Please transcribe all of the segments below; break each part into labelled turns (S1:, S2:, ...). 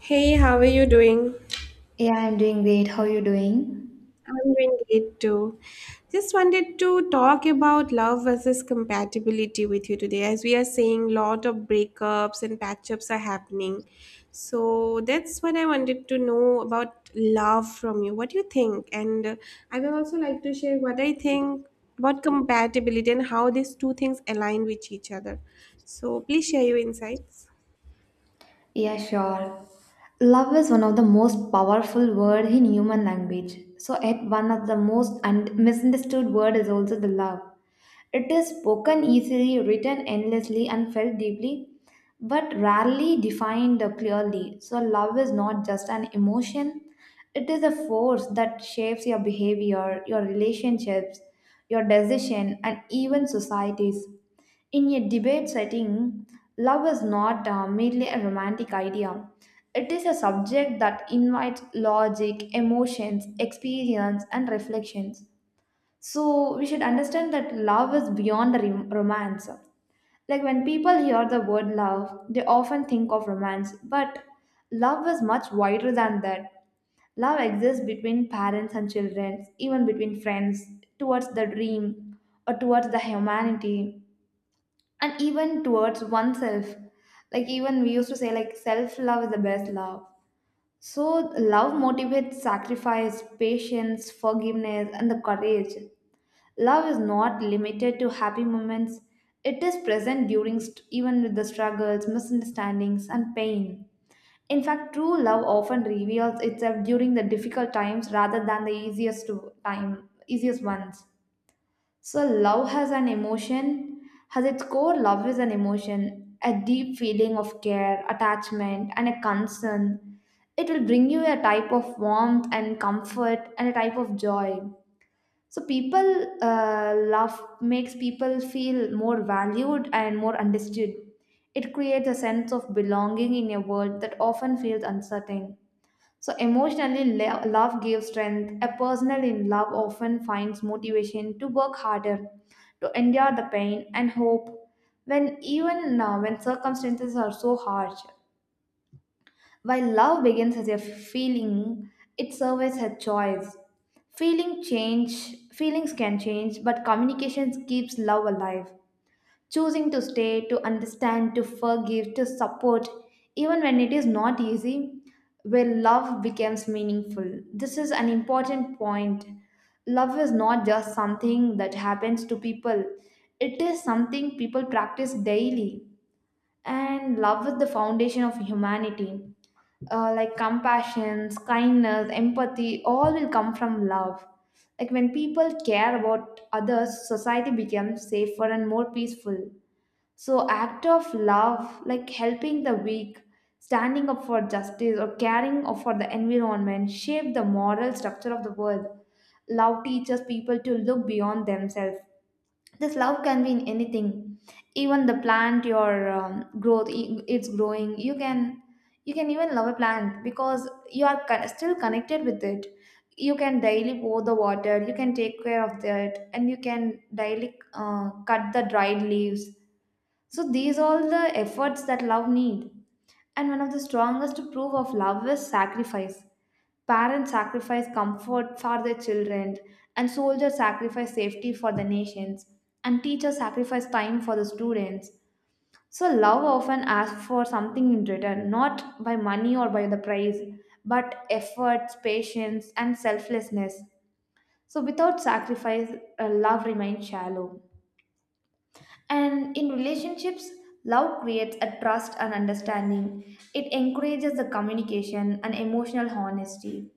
S1: Hey, how are you doing?
S2: Yeah, I'm doing great. How are you doing?
S1: I'm doing great too. Just wanted to talk about love versus compatibility with you today, as we are seeing lot of breakups and patch-ups are happening. So that's what I wanted to know about love from you. What do you think? And I will also like to share what I think about compatibility and how these two things align with each other. So please share your insights.
S2: Yeah, sure. Love is one of the most powerful word in human language. So, at one of the most and misunderstood word is also the love. It is spoken easily, written endlessly, and felt deeply, but rarely defined clearly. So, love is not just an emotion, it is a force that shapes your behavior, your relationships, your decision, and even societies. In a debate setting, love is not merely a romantic idea. It is a subject that invites logic, emotions, experience, and reflections. So we should understand that love is beyond the romance. Like when people hear the word love, they often think of romance, but love is much wider than that. Love exists between parents and children, even between friends, towards the dream or towards the humanity, and even towards oneself. Like even we used to say like self-love is the best love. So love motivates sacrifice, patience, forgiveness, and the courage. Love is not limited to happy moments, it is present during even with the struggles, misunderstandings, and pain. In fact, true love often reveals itself during the difficult times rather than the easiest ones. So, love has an emotion, has its core, love is an emotion, a deep feeling of care, attachment, and a concern. It will bring you a type of warmth and comfort and a type of joy. So people love makes people feel more valued and more understood. It creates a sense of belonging in a world that often feels uncertain. So emotionally, love gives strength. A person in love often finds motivation to work harder, to endure the pain and hope when even now when circumstances are so harsh. While love begins as a feeling, it surveys a choice. Feelings can change, but communication keeps love alive. Choosing to stay, to understand, to forgive, to support, even when it is not easy, where love becomes meaningful. This is an important point. Love is not just something that happens to people, it is something people practice daily, and love is the foundation of humanity. Uh, like compassion, kindness, empathy all will come from love. Like when people care about others, society becomes safer and more peaceful. So act of love, like helping the weak, standing up for justice, or for the environment, shape the moral structure of the world. Love teaches people to look beyond themselves. This love can be in anything. Even the plant your growth, it's growing. You can, you can even love a plant because you are still connected with it. You can daily pour the water, you can take care of that, and you can daily cut the dried leaves. So these all the efforts that love need. And one of the strongest proof of love is sacrifice. Parents sacrifice comfort for their children, and soldiers sacrifice safety for the nations, and teachers sacrifice time for the students. So love often asks for something in return, not by money or by the price, but efforts, patience, and selflessness. So without sacrifice, love remains shallow. And in relationships, love creates a trust and understanding. It encourages the communication and emotional honesty.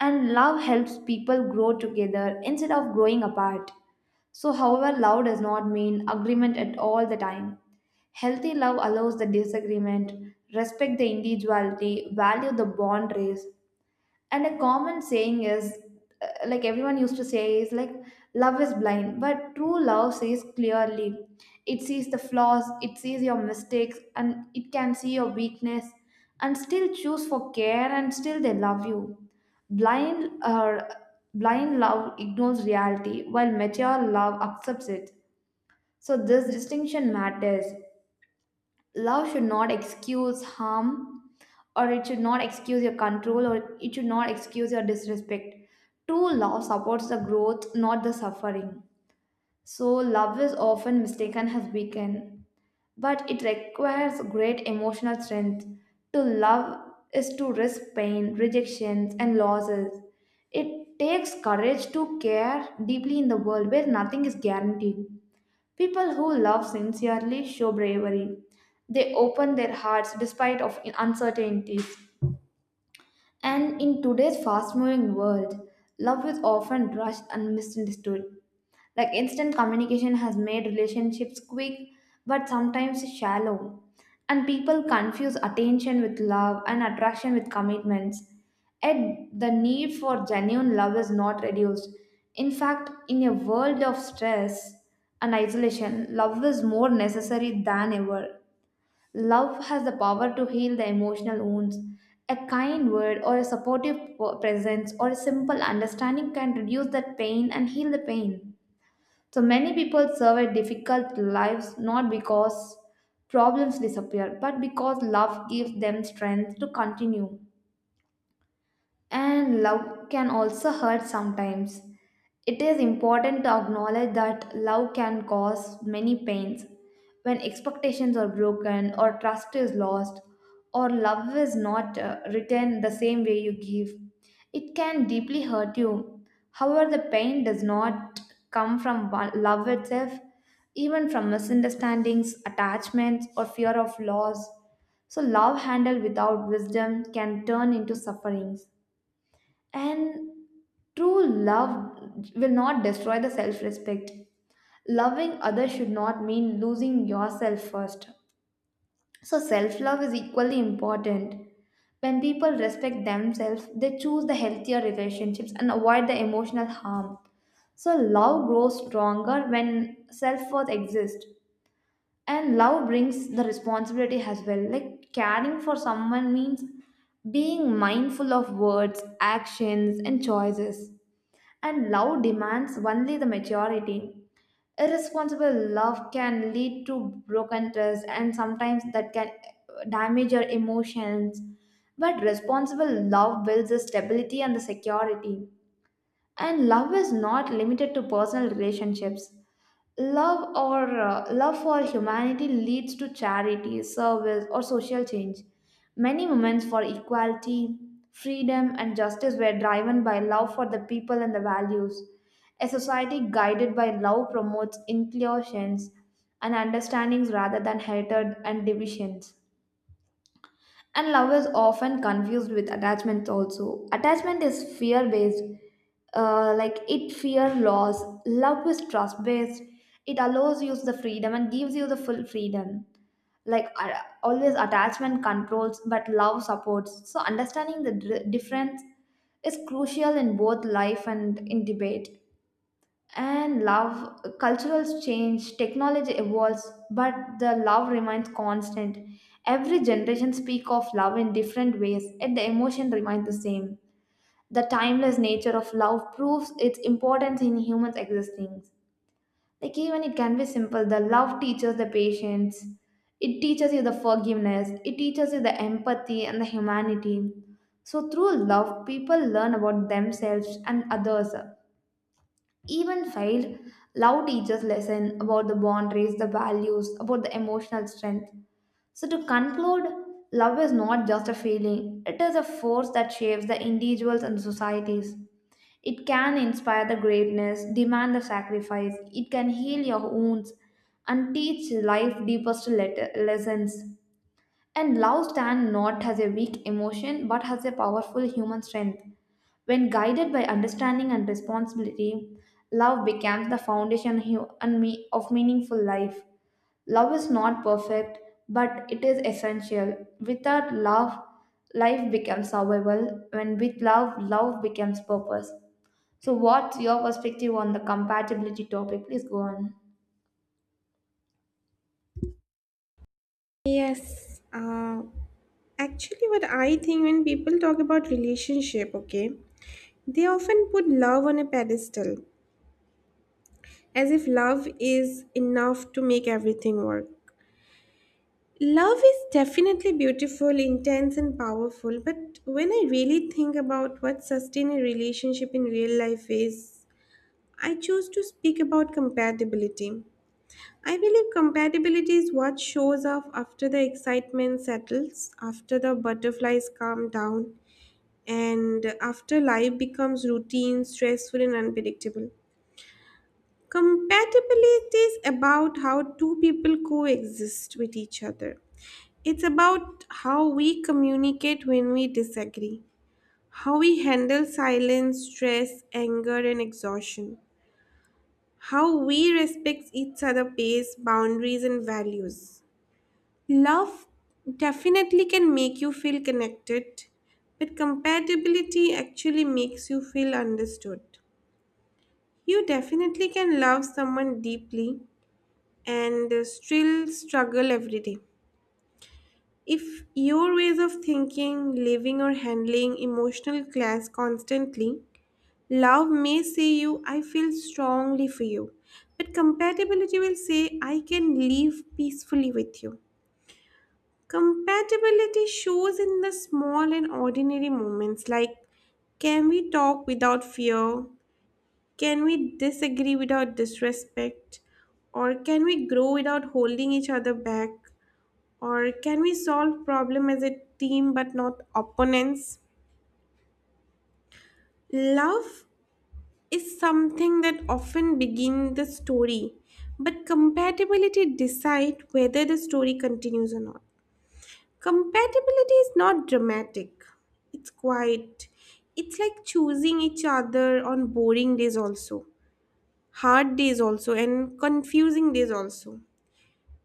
S2: And love helps people grow together instead of growing apart. So, however, love does not mean agreement at all the time. Healthy love allows the disagreement, respect the individuality, value the bond raised, and a common saying is, like everyone used to say is, like, love is blind but true love sees clearly. It sees the flaws, it sees your mistakes, and it can see your weakness, and still choose for care, and still they love you. blind or Blind love ignores reality while mature love accepts it. So this distinction matters. Love should not excuse harm, or it should not excuse your control, or it should not excuse your disrespect. True love supports the growth, not the suffering. So love is often mistaken as weakened, but it requires great emotional strength. To love is to risk pain, rejections, and losses. It takes courage to care deeply in the world where nothing is guaranteed. People who love sincerely show bravery. They open their hearts despite of uncertainties. And in today's fast moving world, love is often rushed and misunderstood. Like instant communication has made relationships quick but sometimes shallow. And people confuse attention with love and attraction with commitments. Yet the need for genuine love is not reduced. In fact, in a world of stress and isolation, love is more necessary than ever. Love has the power to heal the emotional wounds. A kind word, or a supportive presence, or a simple understanding can reduce that pain and heal the pain. So many people survive difficult lives not because problems disappear, but because love gives them strength to continue. And love can also hurt sometimes. It is important to acknowledge that love can cause many pains. When expectations are broken, or trust is lost, or love is not returned the same way you give, it can deeply hurt you. However, the pain does not come from love itself, even from misunderstandings, attachments, or fear of loss. So, love handled without wisdom can turn into sufferings. And true love will not destroy the self respect. Loving others should not mean losing yourself first. So, self love is equally important. When people respect themselves, they choose the healthier relationships and avoid the emotional harm. So, love grows stronger when self worth exists. And love brings the responsibility as well. Like, caring for someone means being mindful of words, actions, and choices. And love demands only the maturity. Irresponsible love can lead to broken trust, and sometimes that can damage your emotions. But responsible love builds the stability and the security. And love is not limited to personal relationships. Love for humanity leads to charity, service, or social change. Many movements for equality, freedom, and justice were driven by love for the people and the values. A society guided by love promotes inclusions and understandings rather than hatred and divisions. And love is often confused with attachment also. Attachment is fear based, like it fear loss. Love is trust based. It allows you the freedom and gives you the full freedom. Like uh, Always, attachment controls, but love supports. So understanding the difference is crucial in both life and in debate. And love, cultural change, technology evolves, but the love remains constant. Every generation speak of love in different ways, yet the emotion remains the same. The timeless nature of love proves its importance in humans existing. Like even it can be simple, the love teaches the patience, it teaches you the forgiveness, it teaches you the empathy and the humanity. So through love people learn about themselves and others. Even failed, love teaches lesson about the boundaries, the values, about the emotional strength. So to conclude, love is not just a feeling; it is a force that shapes the individuals and societies. It can inspire the greatness, demand the sacrifice. It can heal your wounds and teach life deepest lessons. And love stand not as a weak emotion but as a powerful human strength. When guided by understanding and responsibility, love becomes the foundation of meaningful life. Love is not perfect, but it is essential. Without love, life becomes survival. When with love, love becomes purpose. So, what's your perspective on the compatibility topic? Please go on.
S1: Yes, uh, Actually, what I think when people talk about relationship, okay, they often put love on a pedestal as if love is enough to make everything work. Love is definitely beautiful, intense, and powerful, but when I really think about what sustain a relationship in real life is, I choose to speak about compatibility. I believe compatibility is what shows up after the excitement settles, after the butterflies calm down, and after life becomes routine, stressful, and unpredictable. Compatibility is about how two people coexist with each other. It's about how we communicate when we disagree, how we handle silence, stress, anger, and exhaustion, how we respect each other's pace, boundaries, and values. Love definitely can make you feel connected, but compatibility actually makes you feel understood. You definitely can love someone deeply and still struggle every day. If your ways of thinking, living, or handling emotional clash constantly, love may say you, I feel strongly for you. But compatibility will say, I can live peacefully with you. Compatibility shows in the small and ordinary moments like can we talk without fear? Can we disagree without disrespect? Or can we grow without holding each other back? Or can we solve problem as a team but not opponents? Love is something that often begin the story, but compatibility decide whether the story continues or not. Compatibility is not dramatic. It's quiet. It's like choosing each other on boring days also, hard days also, and confusing days also.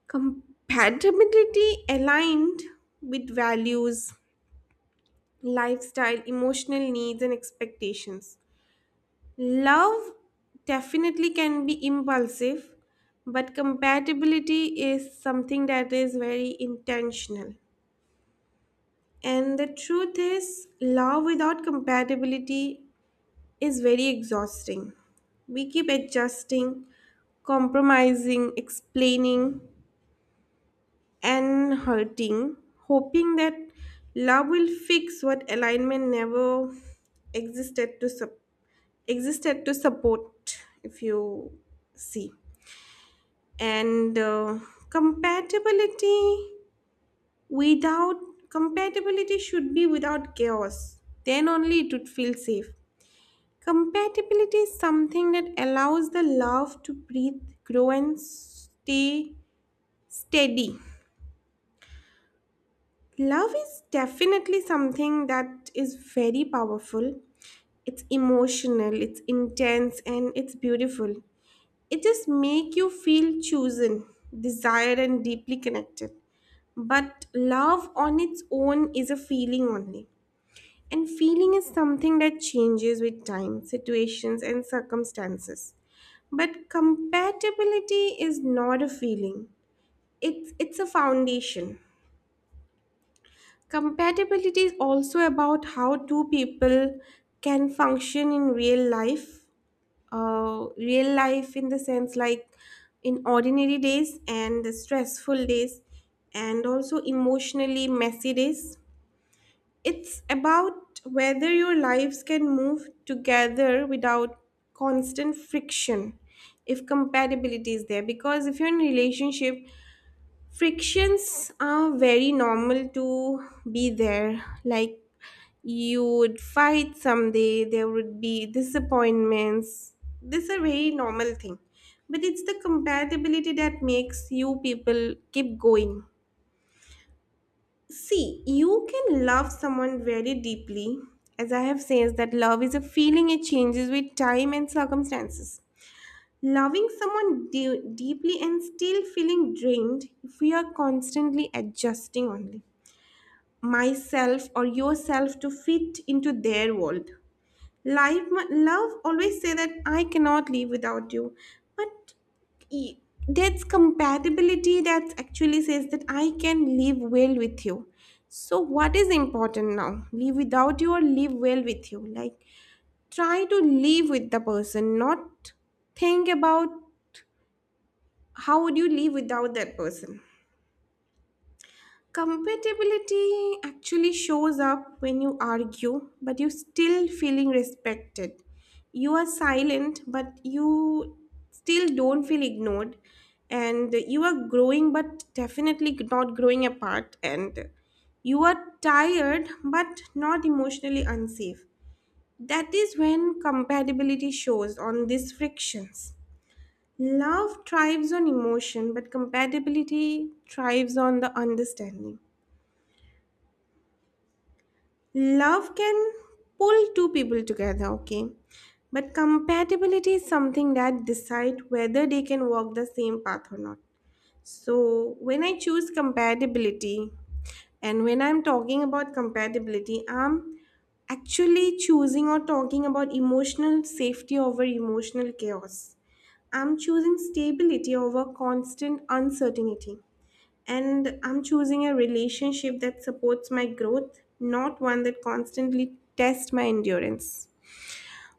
S1: Compatibility aligned with values, lifestyle, emotional needs, and expectations. Love definitely can be impulsive, but compatibility is something that is very intentional. And the truth is, love without compatibility is very exhausting. We keep adjusting, compromising, explaining, and hurting, hoping that love will fix what alignment never existed to sup- existed to support. If you see, and compatibility Without compatibility should be without chaos. Then only it would feel safe. Compatibility is something that allows the love to breathe, grow and stay steady. Love is definitely something that is very powerful. It's emotional, it's intense and it's beautiful. It just make you feel chosen, desired and deeply connected. But love on its own is a feeling only. And feeling is something that changes with time, situations, and circumstances. But compatibility is not a feeling, it's a foundation. Compatibility is also about how two people can function in real life in the sense like in ordinary days and the stressful days, and also emotionally messy days. It's about whether your lives can move together without constant friction, if compatibility is there. Because if you're in a relationship, frictions are very normal to be there. Like you would fight someday, there would be disappointments. This is a very normal thing. But it's the compatibility that makes you people keep going. See, you can love someone very deeply, as I have said that love is a feeling it changes with time and circumstances. Loving someone deeply and still feeling drained if we are constantly adjusting only myself or yourself to fit into their world. Life, Love always say that I cannot live without you, but e- that's compatibility that actually says that I can live well with you. So what is important now? Live without you or live well with you? Like try to live with the person, not think about how would you live without that person. Compatibility actually shows up when you argue, but you're still feeling respected. You are silent, but you still don't feel ignored. And you are growing, but definitely not growing apart. And you are tired, but not emotionally unsafe. That is when compatibility shows on these frictions. Love thrives on emotion, but compatibility thrives on the understanding. Love can pull two people together, okay? But compatibility is something that decide whether they can walk the same path or not. So when I choose compatibility and when I'm talking about compatibility, I'm actually choosing or talking about emotional safety over emotional chaos. I'm choosing stability over constant uncertainty and I'm choosing a relationship that supports my growth, not one that constantly tests my endurance.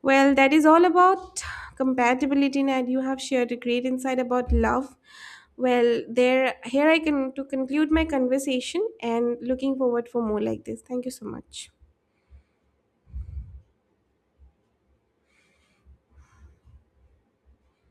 S1: Well, that is all about compatibility, and you have shared a great insight about love. Well, there here I can to conclude my conversation and looking forward for more like this. Thank you so much.